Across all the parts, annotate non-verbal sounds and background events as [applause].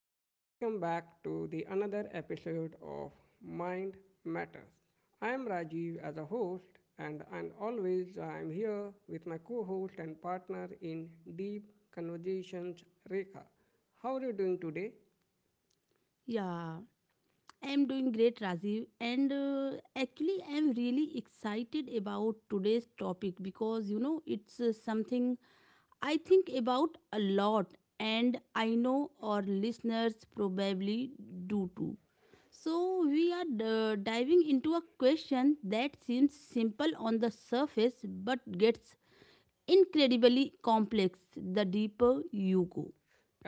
welcome back to the another episode of Mind Matters. I am Rajiv as a host, and always I am here with my co-host and partner in deep conversations, Rekha. How are you doing today? Yeah, I'm doing great, Rajiv. And actually, I'm really excited about today's topic because it's something I think about a lot, and I know our listeners probably do too. So, we are diving into a question that seems simple on the surface but gets incredibly complex the deeper you go.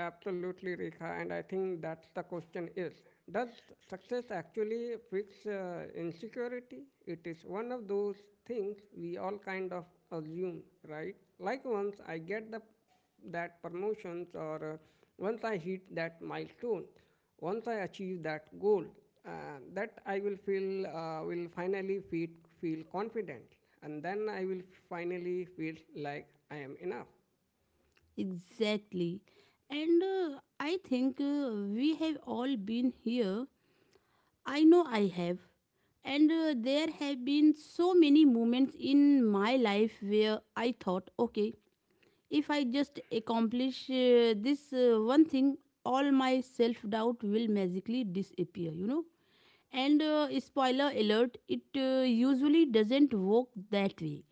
Absolutely, Rekha. And I think that's the question is, does success actually fix insecurity? It is one of those things we all kind of assume, right? Like once I get the that promotions or once I hit that milestone, once I achieve that goal, uh, that I will feel feel confident, and then I will finally feel like I am enough. Exactly. And I think we have all been here. I know I have. And There have been so many moments in my life where I thought, okay, if I just accomplish this one thing, all my self doubt will magically disappear. And Spoiler alert, it usually doesn't work that way.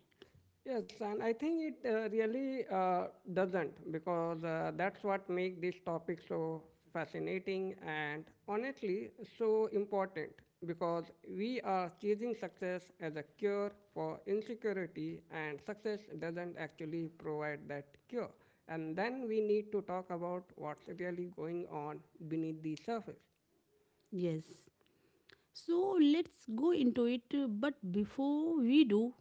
Yes, and I think it really doesn't because that's what makes this topic so fascinating and honestly so important because we are chasing success as a cure for insecurity and success doesn't actually provide that cure. And then we need to talk about what's really going on beneath the surface. Yes. So let's go into it. But before we do,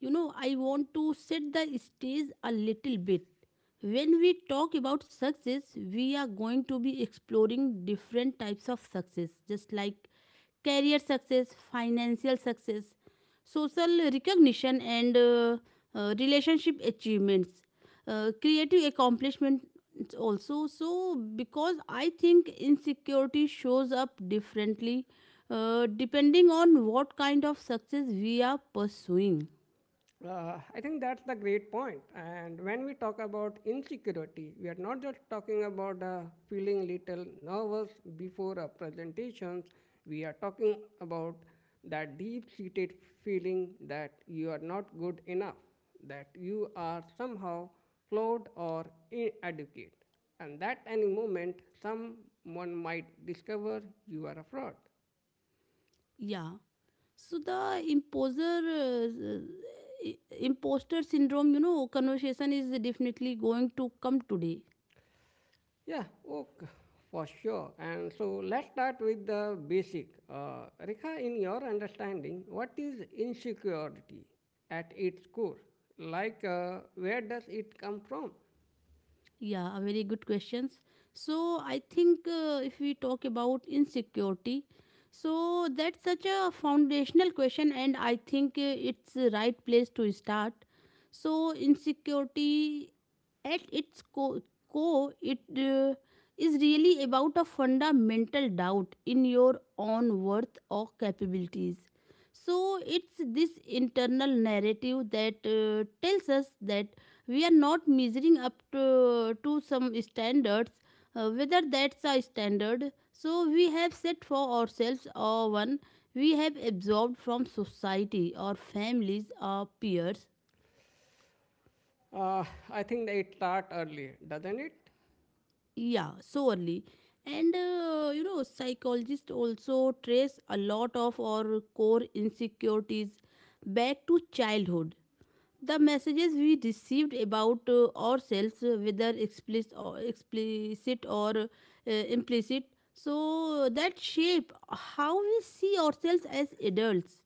I want to set the stage a little bit. When we talk about success, we are going to be exploring different types of success, just like career success, financial success, social recognition, and relationship achievements, creative accomplishment also, so because I think insecurity shows up differently depending on what kind of success we are pursuing. I think that's the great point. And when we talk about insecurity, we are not just talking about feeling little nervous before our presentations. We are talking about that deep-seated feeling that you are not good enough, that you are somehow flawed or inadequate, and that any moment someone might discover you are a fraud. Yeah. So the imposer, imposter syndrome conversation is definitely going to come today. Yeah, okay, for sure. And so let's start with the basic. Rekha, in your understanding, what is insecurity at its core? Like, where does it come from? Yeah, a very good questions. So I think if we talk about insecurity, so that's such a foundational question, and I think it's the right place to start. So insecurity, at its co- core, it is really about a fundamental doubt in your own worth or capabilities. So it's this internal narrative that tells us that we are not measuring up to some standards, whether that's a standard so we have set for ourselves or one we have absorbed from society or families or peers. Uh, I think that it starts early, doesn't it? Yeah, surely. And you know psychologists also trace a lot of our core insecurities back to childhood. The messages we received about ourselves, whether explicit or implicit, so that shape how we see ourselves as adults.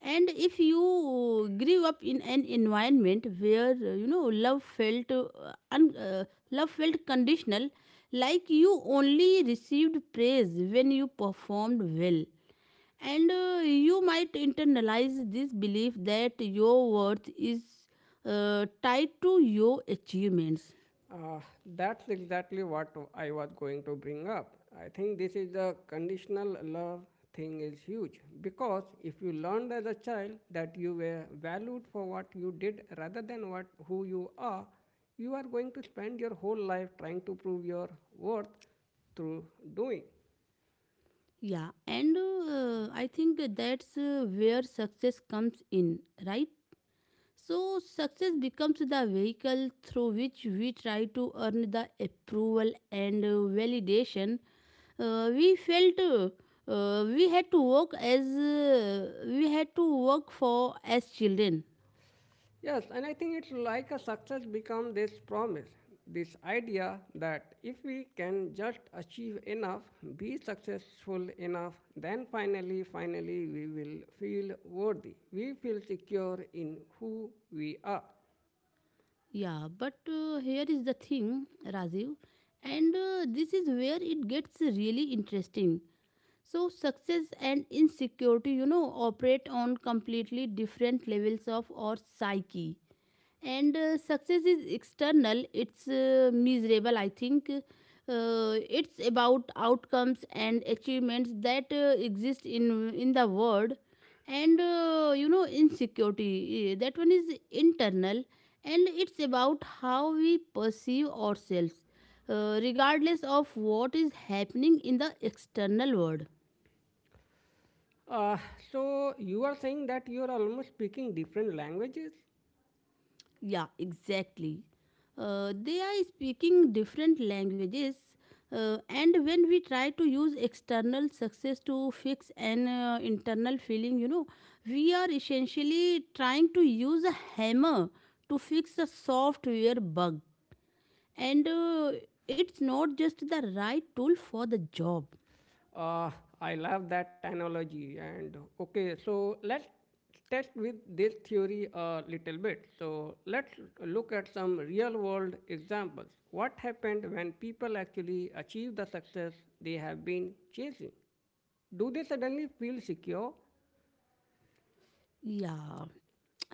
And if you grew up in an environment where love felt un- uh, conditional, like you only received praise when you performed well, and you might internalize this belief that your worth is tied to your achievements. Uh, that's exactly what I was going to bring up. I think this is the conditional love thing is huge because if you learned as a child that you were valued for what you did rather than what who you are going to spend your whole life trying to prove your worth through doing. Yeah and uh, i think that's where success comes in, right? So success becomes the vehicle through which we try to earn the approval and validation we felt we had to work as we had to work for as children. Yes, and I think it's like a success become this promise, this idea that if we can just achieve enough, be successful enough, then finally we will feel worthy. We feel secure in who we are. Yeah, but here is the thing, Rajiv, and this is where it gets really interesting. So, success and insecurity, operate on completely different levels of our psyche, and success is external. It's uh, miserable i think it's about outcomes and achievements that exist in the world. And you know insecurity, that one is internal, and it's about how we perceive ourselves regardless of what is happening in the external world. Uh, so you are saying that you are almost speaking different languages. Yeah, exactly. They are speaking different languages, and when we try to use external success to fix an internal feeling, we are essentially trying to use a hammer to fix a software bug, and it's not just the right tool for the job. Uh, I love that analogy. And okay, so let's test with this theory a little bit. So let's look at some real world examples. What happened when people actually achieve the success they have been chasing? Do they suddenly feel secure? Yeah,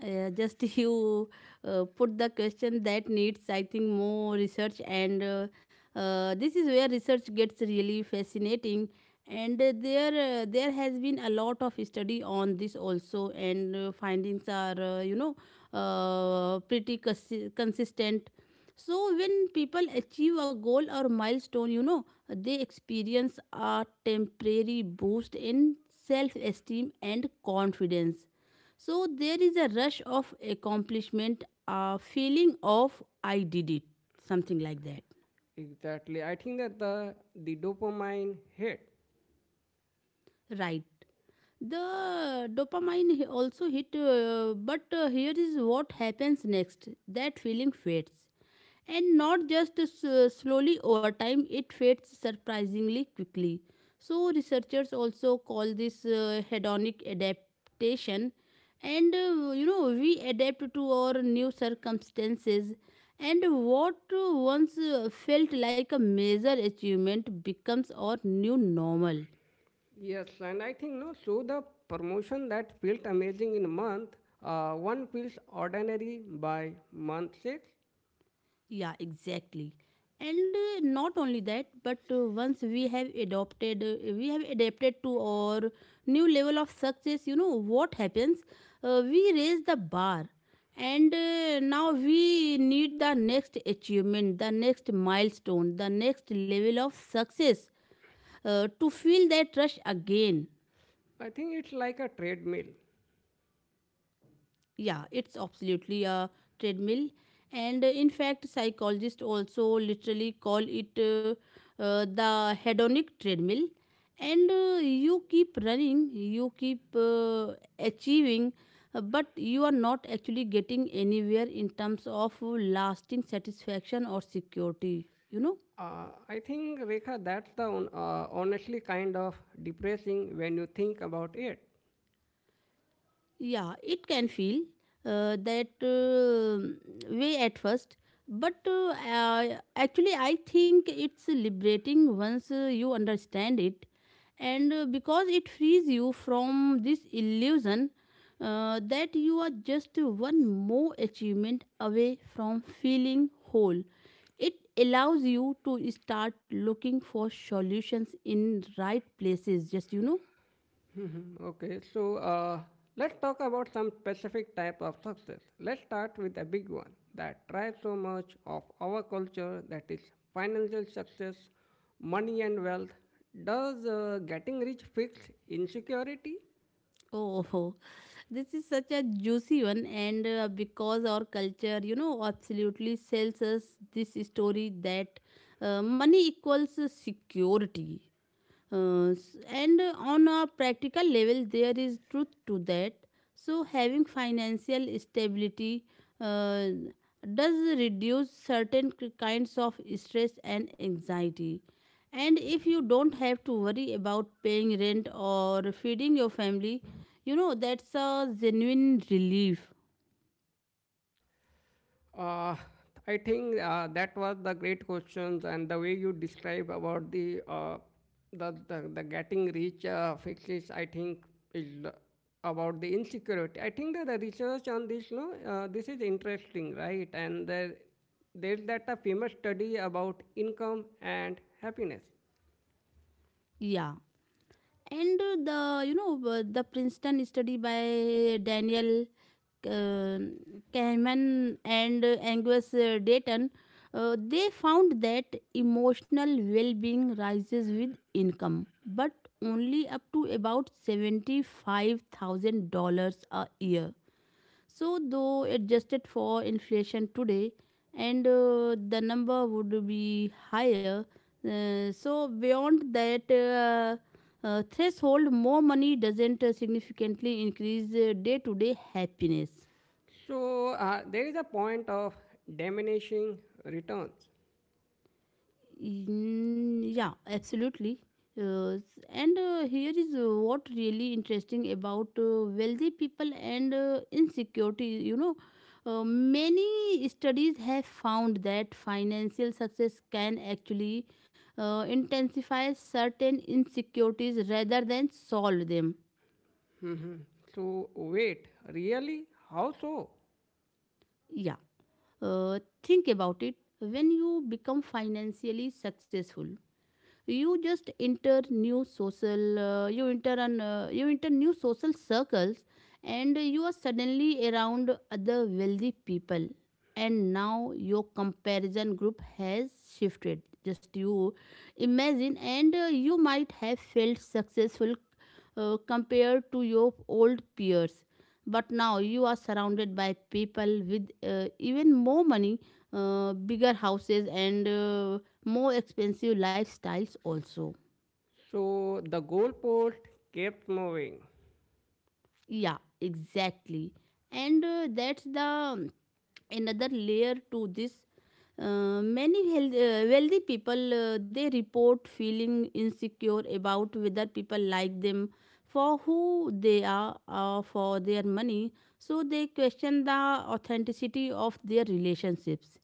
just [laughs] you put the question that needs I think more research, and this is where research gets really fascinating. And there There has been a lot of study on this also, and findings are, pretty consistent. So when people achieve a goal or milestone, they experience a temporary boost in self esteem and confidence. So there is a rush of accomplishment, a feeling of I did it, something like that. Exactly. I think that the dopamine hit. Right. The dopamine he- also hit, but here is what happens next. That feeling fades, and not just slowly over time. It fades surprisingly quickly. So researchers also call this hedonic adaptation, and we adapt to our new circumstances, and what once felt like a major achievement becomes our new normal. Yes, and I think no. So the promotion that felt amazing in month one feels ordinary by month six. Yeah, exactly. And Not only that, but once we have adapted to our new level of success, you know what happens? We raise the bar, and now we need the next achievement, the next milestone, the next level of success to feel that rush again. I think it's like a treadmill. Yeah, it's absolutely a treadmill. And In fact, psychologists also literally call it the hedonic treadmill. And You keep running, you keep achieving, but you are not actually getting anywhere in terms of lasting satisfaction or security, you know? I think, Rekha, that's the on, honestly kind of depressing when you think about it. Yeah, it can feel that way at first, but actually, I think it's liberating once you understand it, and because it frees you from this illusion that you are just one more achievement away from feeling whole. It allows you to start looking for solutions in right places, just you know. Okay, so let's talk about some specific type of success. Let's start with a big one that drives so much of our culture that is financial success, money and wealth. Does getting rich fix insecurity? [laughs] Oh, this is such a juicy one, and because our culture, absolutely sells us this story that money equals security. S- and On a practical level, there is truth to that. So, having financial stability uh, does reduce certain kinds of stress and anxiety. And if you don't have to worry about paying rent or feeding your family, you know, that's a genuine relief. Uh, I think that was the great questions and the way you describe about the the getting rich fixes. I think is about the insecurity. I think that the research on this, no, this is interesting, right? And there's that a famous study about income and happiness. Yeah. and the you know the princeton study by Daniel uh, Kahneman and Angus Dayton, they found that emotional well-being rises with income but only up to about $75,000 a year, so, though adjusted for inflation today, and the number would be higher. So, beyond that threshold, more money doesn't significantly increase day to day happiness. So there is a point of diminishing returns. Mm, yeah, absolutely. S- and Here is what really interesting about wealthy people and insecurity. You know, many studies have found that financial success can actually intensify certain insecurities rather than solve them. So wait, really? How so? Yeah, think about it. When you become financially successful, you just enter new social you enter an you enter new social circles, and you are suddenly around other wealthy people, and now your comparison group has shifted. Just you imagine, and you might have felt successful compared to your old peers, but now you are surrounded by people with even more money, bigger houses, and more expensive lifestyles also. So the goalpost kept moving. Yeah, exactly. and That's the another layer to this. Many wealthy people, they report feeling insecure about whether people like them for who they are or for their money. So they question the authenticity of their relationships,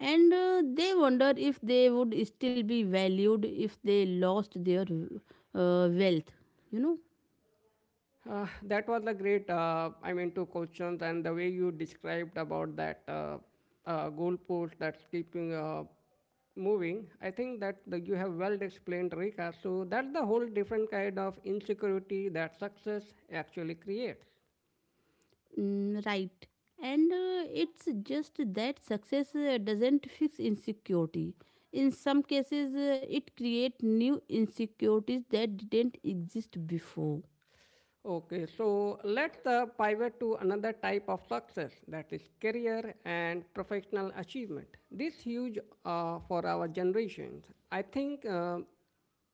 and they wonder if they would still be valued if they lost their wealth, you know. That was a great, I mean, two questions and the way you described about that goalpost that's keeping moving. I think that the, you have well explained, Rika. So that's the whole different kind of insecurity that success actually creates. Mm, right. And It's just that success doesn't fix insecurity. In some cases, it creates new insecurities that didn't exist before. Okay, so let's pivot to another type of success that is career and professional achievement. This huge for our generations. I think uh,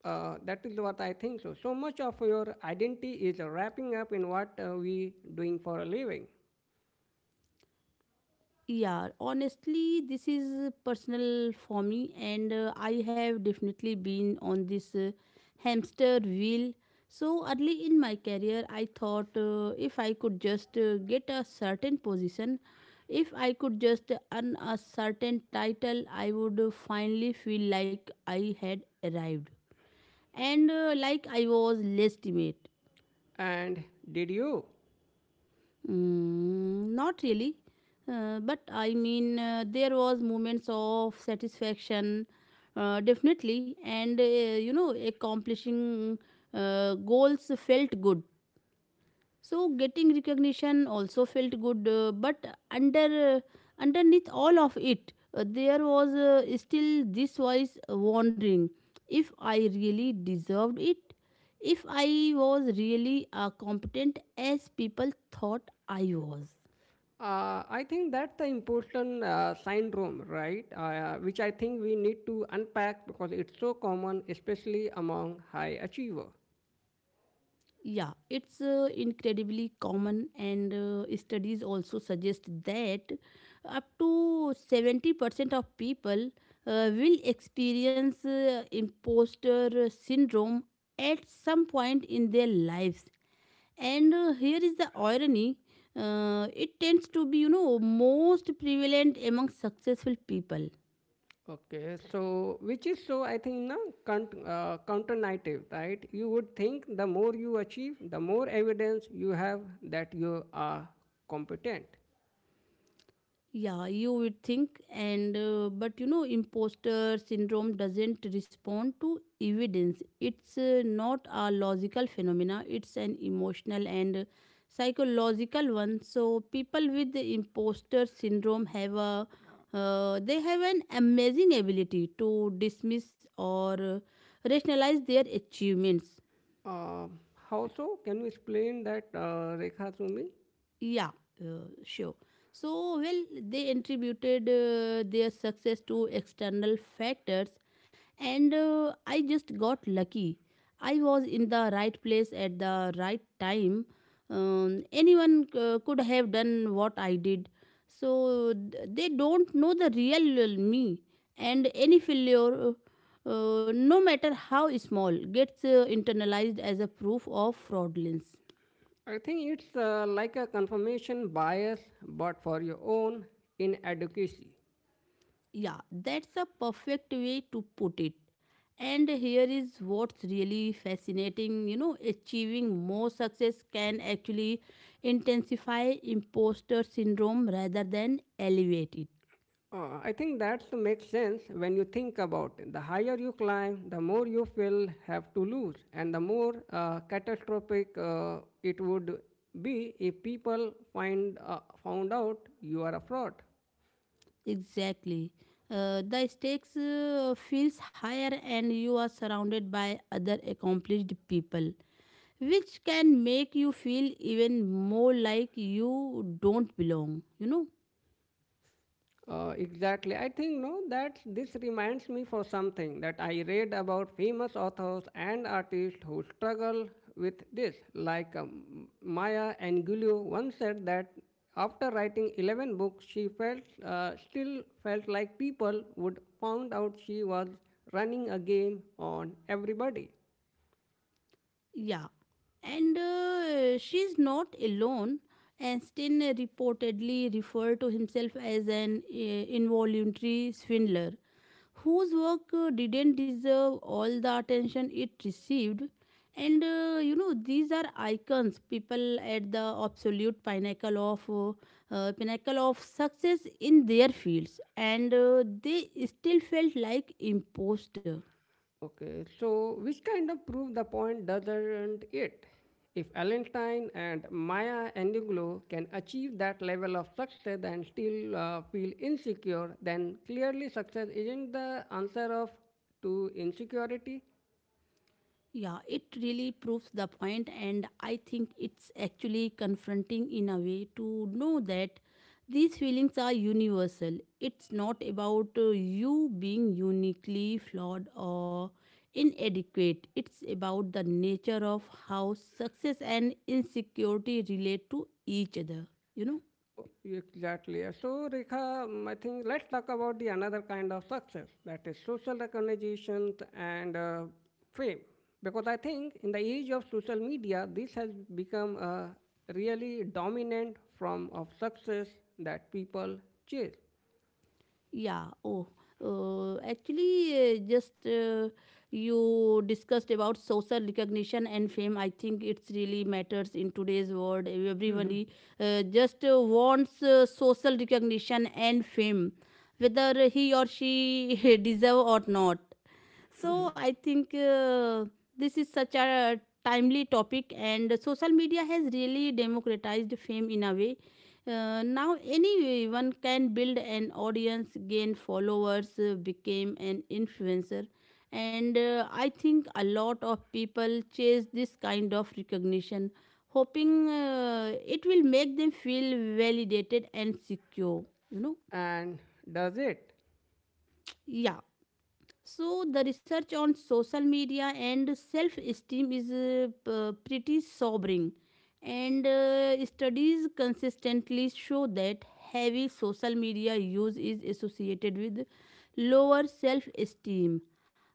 uh, that is what I think. So, so much of your identity is wrapping up in what we doing for a living. Yeah, honestly, this is personal for me, and I have definitely been on this hamster wheel. So early in my career, I thought, if I could just get a certain position, if I could just earn a certain title, I would finally feel like I had arrived and like I was legitimate. And did you? Mm, not really, but I mean there was moments of satisfaction, definitely, and accomplishing goals felt good. So getting recognition also felt good, but underneath all of it, there was still this voice wondering if I really deserved it, if I was really competent as people thought I was. I think that's the important syndrome, right? Which I think we need to unpack because it's so common, especially among high achiever. Yeah, it's incredibly common, and studies also suggest that up to 70% of people will experience imposter syndrome at some point in their lives. And Here is the irony, it tends to be, most prevalent among successful people. Okay, so which is so I think na count, counter narrative, right? You would think the more you achieve, the more evidence you have that you are competent. Yeah, you would think, and but you know, imposter syndrome doesn't respond to evidence. It's not a logical phenomena. It's an emotional and psychological one. So people with the imposter syndrome have a they have an amazing ability to dismiss or rationalize their achievements. Uh, how so? Can you explain that, Rekha, to me? Yeah, sure. So well, they attributed their success to external factors, and I just got lucky. I was in the right place at the right time. Anyone could have done what I did. So they don't know the real me, and any failure, no matter how small, gets internalized as a proof of fraudulence. I think it's like a confirmation bias, but for your own inadequacy. Yeah, that's a perfect way to put it. And here is what's really fascinating. Achieving more success can actually intensify imposter syndrome rather than elevate it. I think that makes sense when you think about it. The higher you climb, the more you will have to lose, and the more catastrophic it would be if people find found out you are a fraud. Exactly. The stakes feels higher, and you are surrounded by other accomplished people, which can make you feel even more like you don't belong. Exactly. I think no that this reminds me for something that I read about famous authors and artists who struggle with this. Like Maya Angelou once said that after writing 11 books, she felt still felt like people would found out she was running a game on everybody. Yeah, and she's not alone. Einstein reportedly referred to himself as an involuntary swindler whose work didn't deserve all the attention it received. And these are icons, people at the absolute pinnacle of success in their fields, and they still felt like imposter. Okay, so which kind of prove the point doesn't it? If Allenstein and Maya Angelou can achieve that level of success and still feel insecure, then clearly success isn't the answer of to insecurity. Yeah, it really proves the point, and I think it's actually confronting in a way to know that these feelings are universal. It's not about you being uniquely flawed or inadequate. It's about the nature of how success and insecurity relate to each other, you know. Exactly. So, Rekha, I think let's talk about the another kind of success that is social recognition and fame. Because I think in the age of social media, this has become a really dominant form of success that people chase. Yeah. Oh. Actually, just You discussed about social recognition and fame. I think it's really matters in today's world. Everyone just wants social recognition and fame, whether he or she [laughs] deserve or not. So I think this is such a timely topic, and social media has really democratized fame in a way. Now anyone can build an audience, gain followers, become an influencer, and I think a lot of people chase this kind of recognition, hoping it will make them feel validated and secure. You know, And does it? yeah. So, the research on social media and self esteem is pretty sobering, and studies consistently show that heavy social media use is associated with lower self esteem,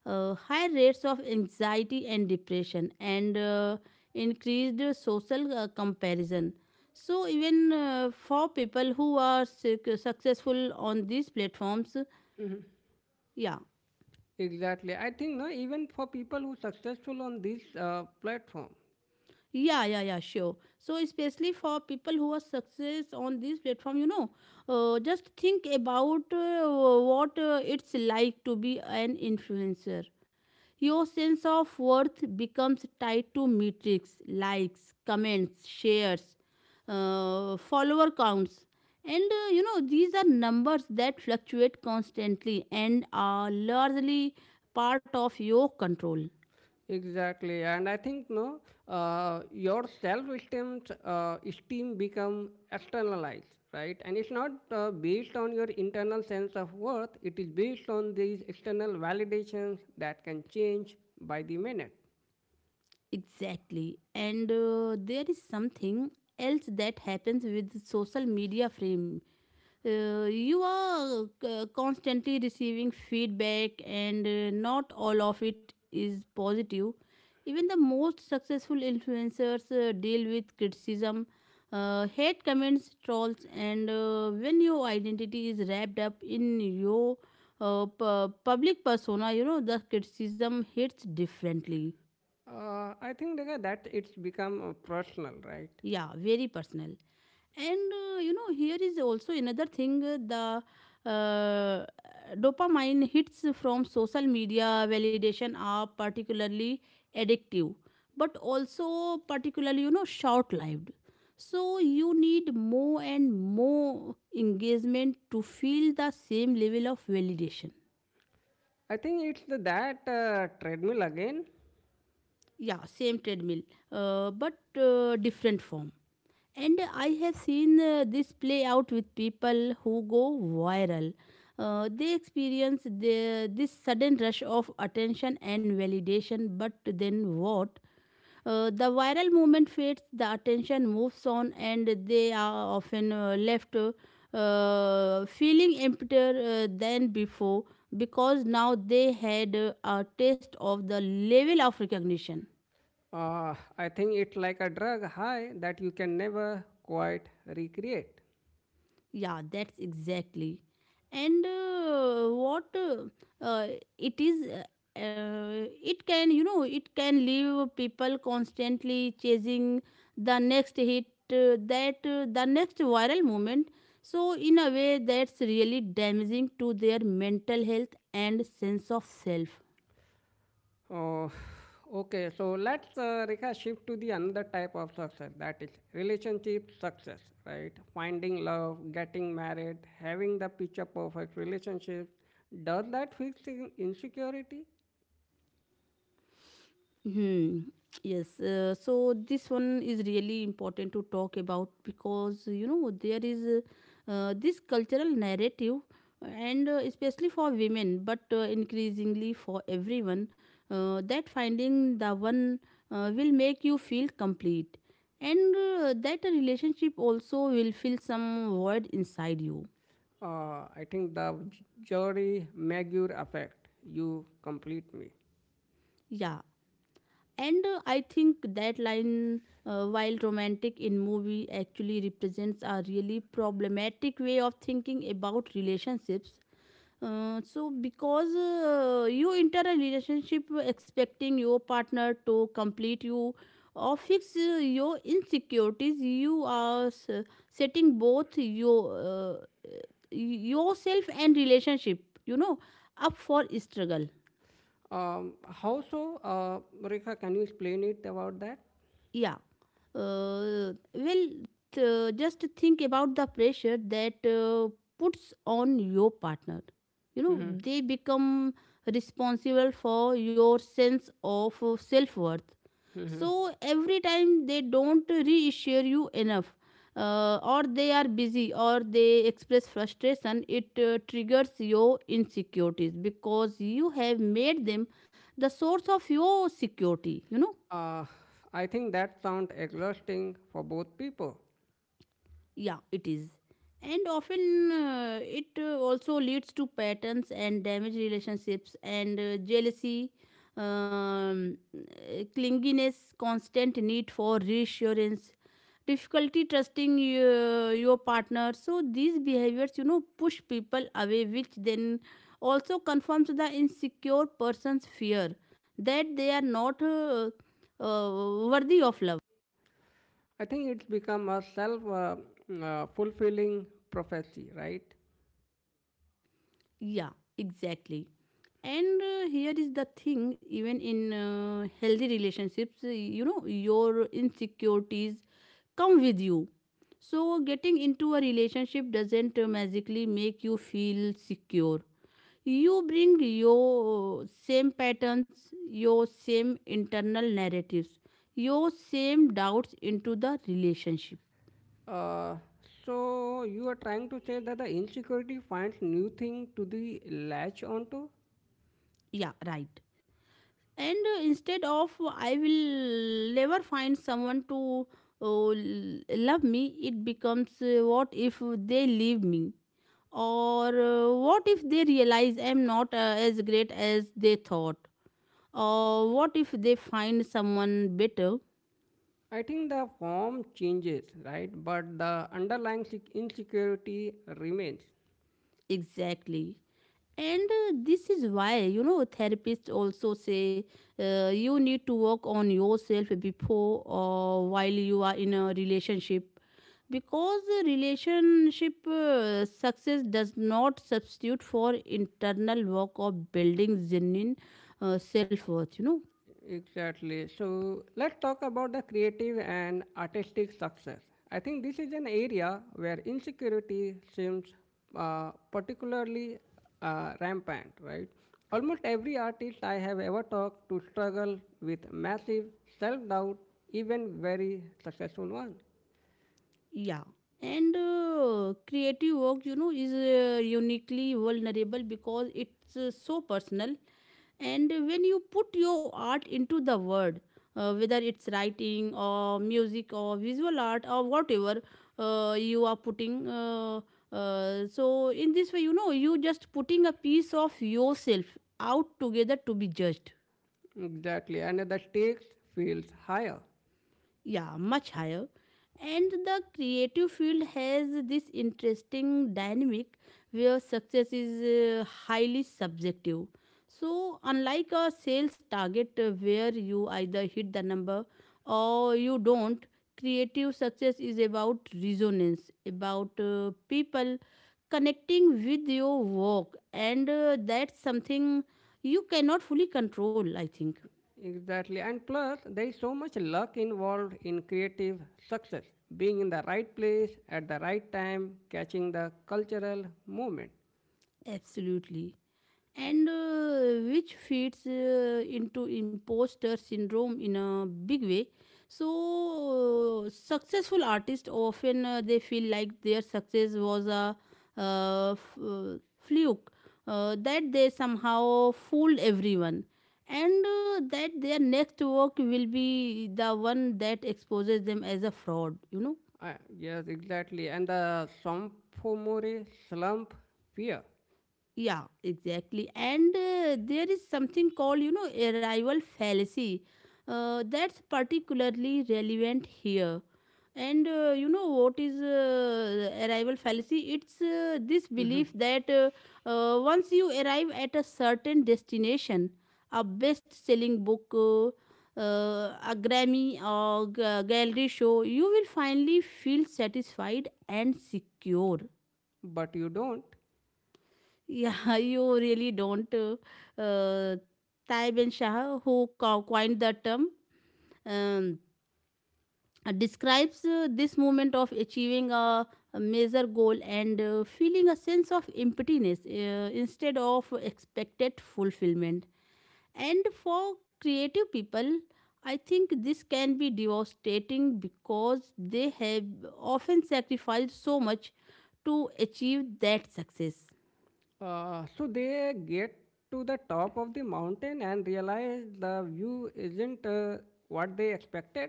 high rates of anxiety and depression, and increased social comparison. So, even for people who are successful on these platforms, yeah. Exactly. I think no, even for people who successful on this platform, Yeah, yeah, yeah, sure. So, especially for people who are success on this platform, you know, just think about what it's like to be an influencer. Your sense of worth becomes tied to metrics, likes, comments, shares, follower counts. And these are numbers that fluctuate constantly and are largely part of your control. Exactly, and I think no, your self-esteem esteem become externalized, right? And it's not based on your internal sense of worth. It is based on these external validations that can change by the minute. Exactly. And there is something else that happens with social media frame. You are constantly receiving feedback, and not all of it is positive. Even the most successful influencers deal with criticism, hate comments, trolls, and when your identity is wrapped up in your public persona, you know, the criticism hits differently. I think Rekha, that it's become personal, right? Yeah, very personal. And here is also another thing the uh, dopamine hits from social media validation are particularly addictive, but also particularly, you know, short lived. So you need more and more engagement to feel the same level of validation. I think it's the, that treadmill again. Yeah, same treadmill, but different form. And I have seen this play out with people who go viral. They experience this sudden rush of attention and validation, but then what? The viral moment fades, the attention moves on, and they are often left feeling emptier than before, because now they had a taste of the level of recognition. I think it's like a drug high that you can never quite recreate. Yeah, that's exactly. And what it is, it can, you know, it can leave people constantly chasing the next hit, that the next viral moment. So, in a way, that's really damaging to their mental health and sense of self. Oh, okay. So let's Rekha shift to the another type of success that is relationship success, right? Finding love, getting married, having the picture perfect relationship. Does that fix the insecurity? Hmm. Yes. So this one is really important to talk about, because you know there is this cultural narrative, and especially for women, but increasingly for everyone, that finding the one will make you feel complete, and that a relationship also will fill some void inside you. I think the jury maguire effect. You complete me. Yeah. And I think that line, while romantic in movie, actually represents a really problematic way of thinking about relationships. Because you enter a relationship expecting your partner to complete you or fix your insecurities, you are setting both your yourself and relationship, up for struggle. How so, Rekha? Can you explain it about that? Yeah. Uh, well, just think about the pressure that puts on your partner. You know, Hmm. they become responsible for your sense of self worth. So every time they don't reassure you enough, or they are busy, or they express frustration, it triggers your insecurities, because you have made them the source of your security. Uh, I think that sounds exhausting for both people. Yeah, it is. And often it also leads to patterns and damaged relationships, and jealousy, clinginess, constant need for reassurance, difficulty trusting your partner. So these behaviors, you know, push people away, which then also confirms the insecure person's fear that they are not worthy of love. I think it's become a self- fulfilling prophecy, right? Yeah, exactly. And here is the thing: even in healthy relationships, you know your insecurities come with you. So getting into a relationship doesn't magically make you feel secure. You bring your same patterns, your same internal narratives, your same doubts into the relationship. Uh, so you are trying to say that the insecurity finds new thing to the latch onto. Yeah, right. And instead of I will never find someone to uh, l- love me, it becomes what if they leave me, or what if they realize I'm not as great as they thought, or what if they find someone better. I think the form changes, right? But the underlying insecurity remains. Exactly. And this is why, you know, therapists also say you need to work on yourself before or while you are in a relationship. Because a relationship success does not substitute for internal work of building genuine self worth. Exactly. So let's talk about the creative and artistic success. I think this is an area where insecurity seems particularly rampant, right? Almost every artist I have ever talked to struggle with massive self doubt, even very successful ones. Yeah. And creative work, you know, is uniquely vulnerable, because it's so personal. And when you put your art into the word, whether it's writing or music or visual art or whatever, you are putting so in this way, you know, you just putting a piece of yourself out together to be judged. Exactly. And the stakes feels higher. Yeah, much higher. And the creative field has this interesting dynamic where success is highly subjective. So unlike a sales target, where you either hit the number or you don't, creative success is about resonance, about people connecting with your work, and that's something you cannot fully control, I think. Exactly. And plus, there is so much luck involved in creative success, being in the right place at the right time, catching the cultural movement. Absolutely. And which feeds into imposter syndrome in a big way. So successful artists often they feel like their success was a fluke, that they somehow fooled everyone, and that their next work will be the one that exposes them as a fraud. Yes, exactly. And the sophomore slump fear. Yeah, exactly. And there is something called, you know, arrival fallacy. That's particularly relevant here. And what is arrival fallacy? It's this Mhm. belief that once you arrive at a certain destination, a best selling book, a Grammy or gallery show, you will finally feel satisfied and secure. But you don't. Yeah, [laughs] you really don't. Uh, Taib and Shah, who coined the term, um, describes this moment of achieving a major goal and feeling a sense of emptiness instead of expected fulfillment. And for creative people, I think this can be devastating because they have often sacrificed so much to achieve that success. So they get to the top of the mountain and realize the view isn't what they expected.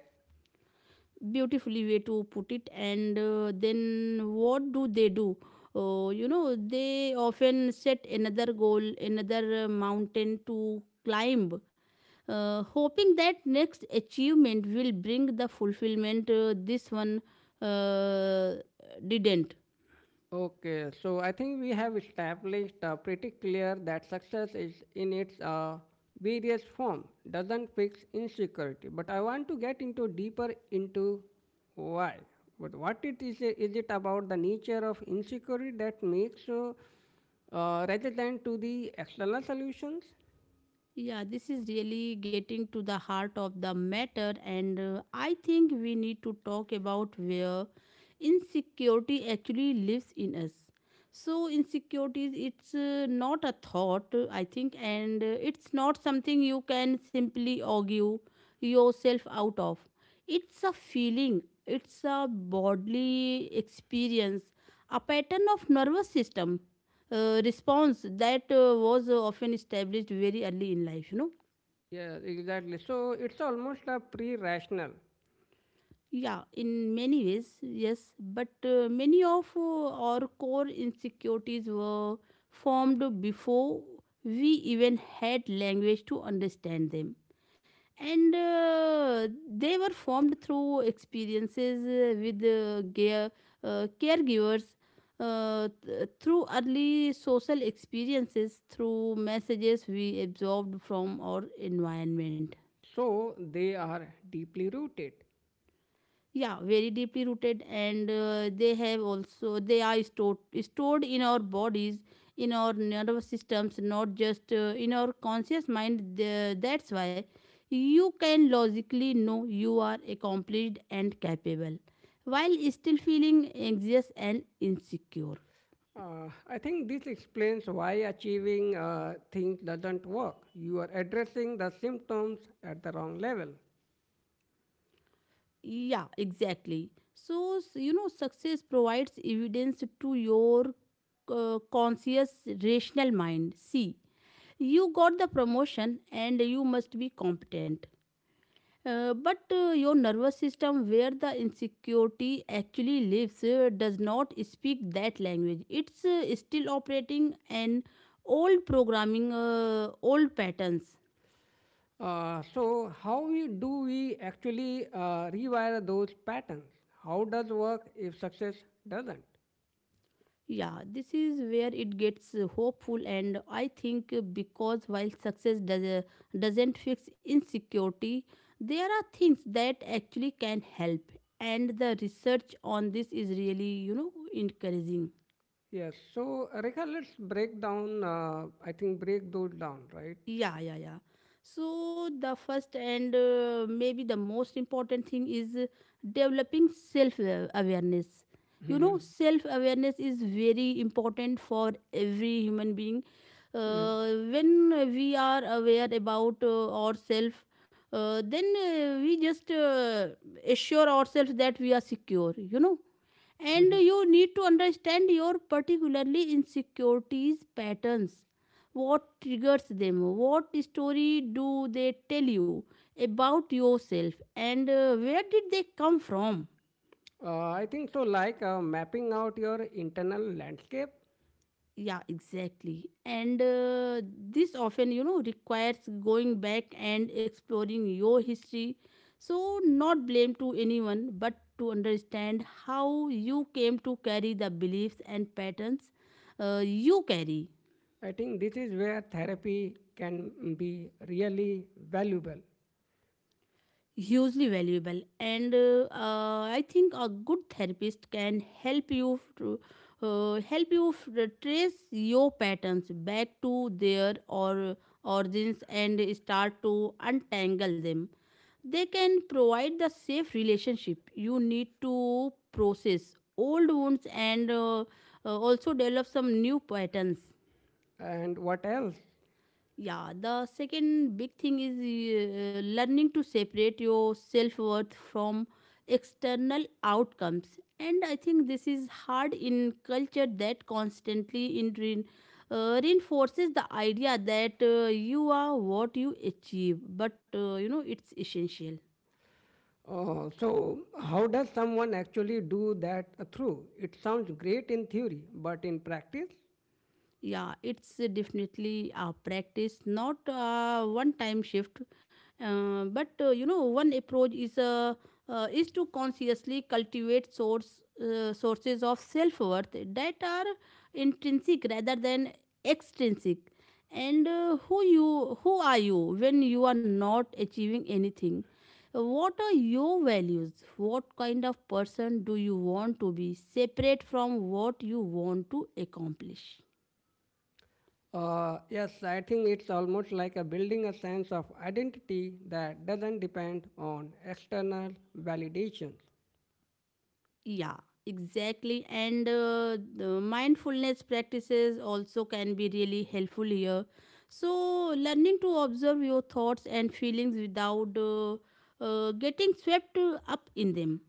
Beautifully way to put it. And then what do they do? Oh, you know, they often set another goal, another mountain to climb, hoping that next achievement will bring the fulfillment this one uh, didn't. Okay, so I think we have established pretty clear that success is in its various form, doesn't fix insecurity. But I want to get into deeper into why. But what it is it about the nature of insecurity that makes rather than to the external solutions? Yeah, this is really getting to the heart of the matter, and I think we need to talk about where insecurity actually lives in us. So, insecurities, it's not a thought, I think, and it's not something you can simply argue yourself out of. It's a feeling, it's a bodily experience, a pattern of nervous system response that was often established very early in life, you know. Yeah, exactly. So it's almost a pre-rational. Yeah, in many ways, yes, but many of our core insecurities were formed before we even had language to understand them. And they were formed through experiences with caregivers, through early social experiences, through messages we absorbed from our environment. So they are deeply rooted. Yeah, very deeply rooted. And they have also they are stored in our bodies, in our nervous systems, not just in our conscious mind. That's why you can logically know you are accomplished and capable while still feeling anxious and insecure. I think this explains why achieving things doesn't work. You are addressing the symptoms at the wrong level. Yeah, exactly. So you know, success provides evidence to your conscious rational mind. See, you got the promotion and you must be competent. But your nervous system, where the insecurity actually lives, does not speak that language. It's still operating an old programming, old patterns. So, how we, do we actually rewire those patterns? How does work if success doesn't? Yeah, this is where it gets hopeful, and I think because while success doesn't fix insecurity, there are things that actually can help, and the research on this is really, you know, encouraging. Yes. So, Rekha, let's break down. I think break those down, right? [laughs] Yeah, yeah, yeah. So the first and maybe the most important thing is developing self awareness. You know, self awareness is very important for every human being. Mhm, uh, when we are aware about ourselves, then we just assure ourselves that we are secure, you know. And mhm. you need to understand your particularly insecurities patterns, what triggers them, what story do they tell you about yourself, and where did they come from. I think so, like mapping out your internal landscape. Yeah, exactly. And this often, you know, requires going back and exploring your history. So not blame to anyone, but to understand how you came to carry the beliefs and patterns you carry. I think this is where therapy can be really valuable. Hugely valuable. And I think a good therapist can help you to, help you trace your patterns back to their or origins and start to untangle them. They can provide the safe relationship you need to process old wounds, and also develop some new patterns. And what else? Yeah, the second big thing is learning to separate your self worth from external outcomes. And I think this is hard in culture that constantly reinforces the idea that you are what you achieve, but you know it's essential. So, how does someone actually do that through? It sounds great in theory, but in practice? Yeah, it's definitely a practice, not a one-time shift, but you know, one approach is to consciously cultivate sources of self-worth that are intrinsic rather than extrinsic. And who are you when you are not achieving anything? What are your values? What kind of person do you want to be? Separate from what you want to accomplish. Yes, I think it's almost like a building a sense of identity that doesn't depend on external validations. Yeah, exactly. And the mindfulness practices also can be really helpful here. So, learning to observe your thoughts and feelings without getting swept up in them.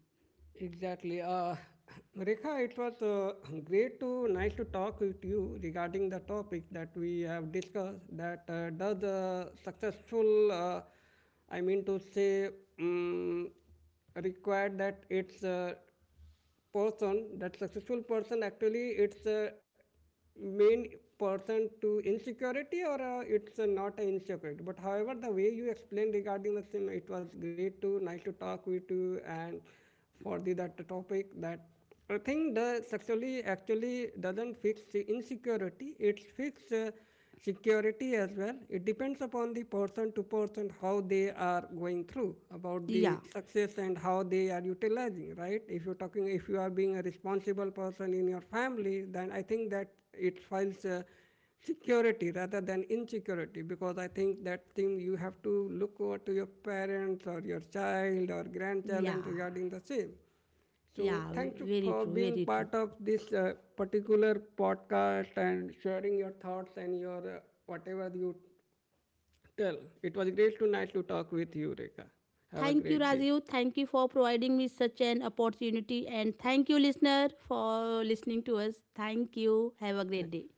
Exactly. [clears throat] Rekha, it was [clears throat] great to nice to talk with you regarding the topic that we have discussed. That does a successful, I mean to say, um, required that it's person, that successful person, actually it's a main person to insecurity or it's not an insecurity. But however, the way you explained regarding the same, it was great to nice to talk with you and for the that topic that I think the sexually actually doesn't fix the insecurity. It fix security as well. It depends upon the person to person how they are going through about Yeah, the success and how they are utilizing, right? If you're talking, if you are being a responsible person in your family, then I think that it files security rather than insecurity because I think that thing you have to look over to your parents or your child or yeah, grandchild regarding the same. So, yeah, thank you very for true, being very true. part of this particular podcast and sharing your thoughts and your whatever you tell. It was great to nicely talk with you, Rekha. Have a Thank you, great day. Rajiv. Thank you for providing me such an opportunity. And thank you, listener, for listening to us. Thank you. Have a great Thank day.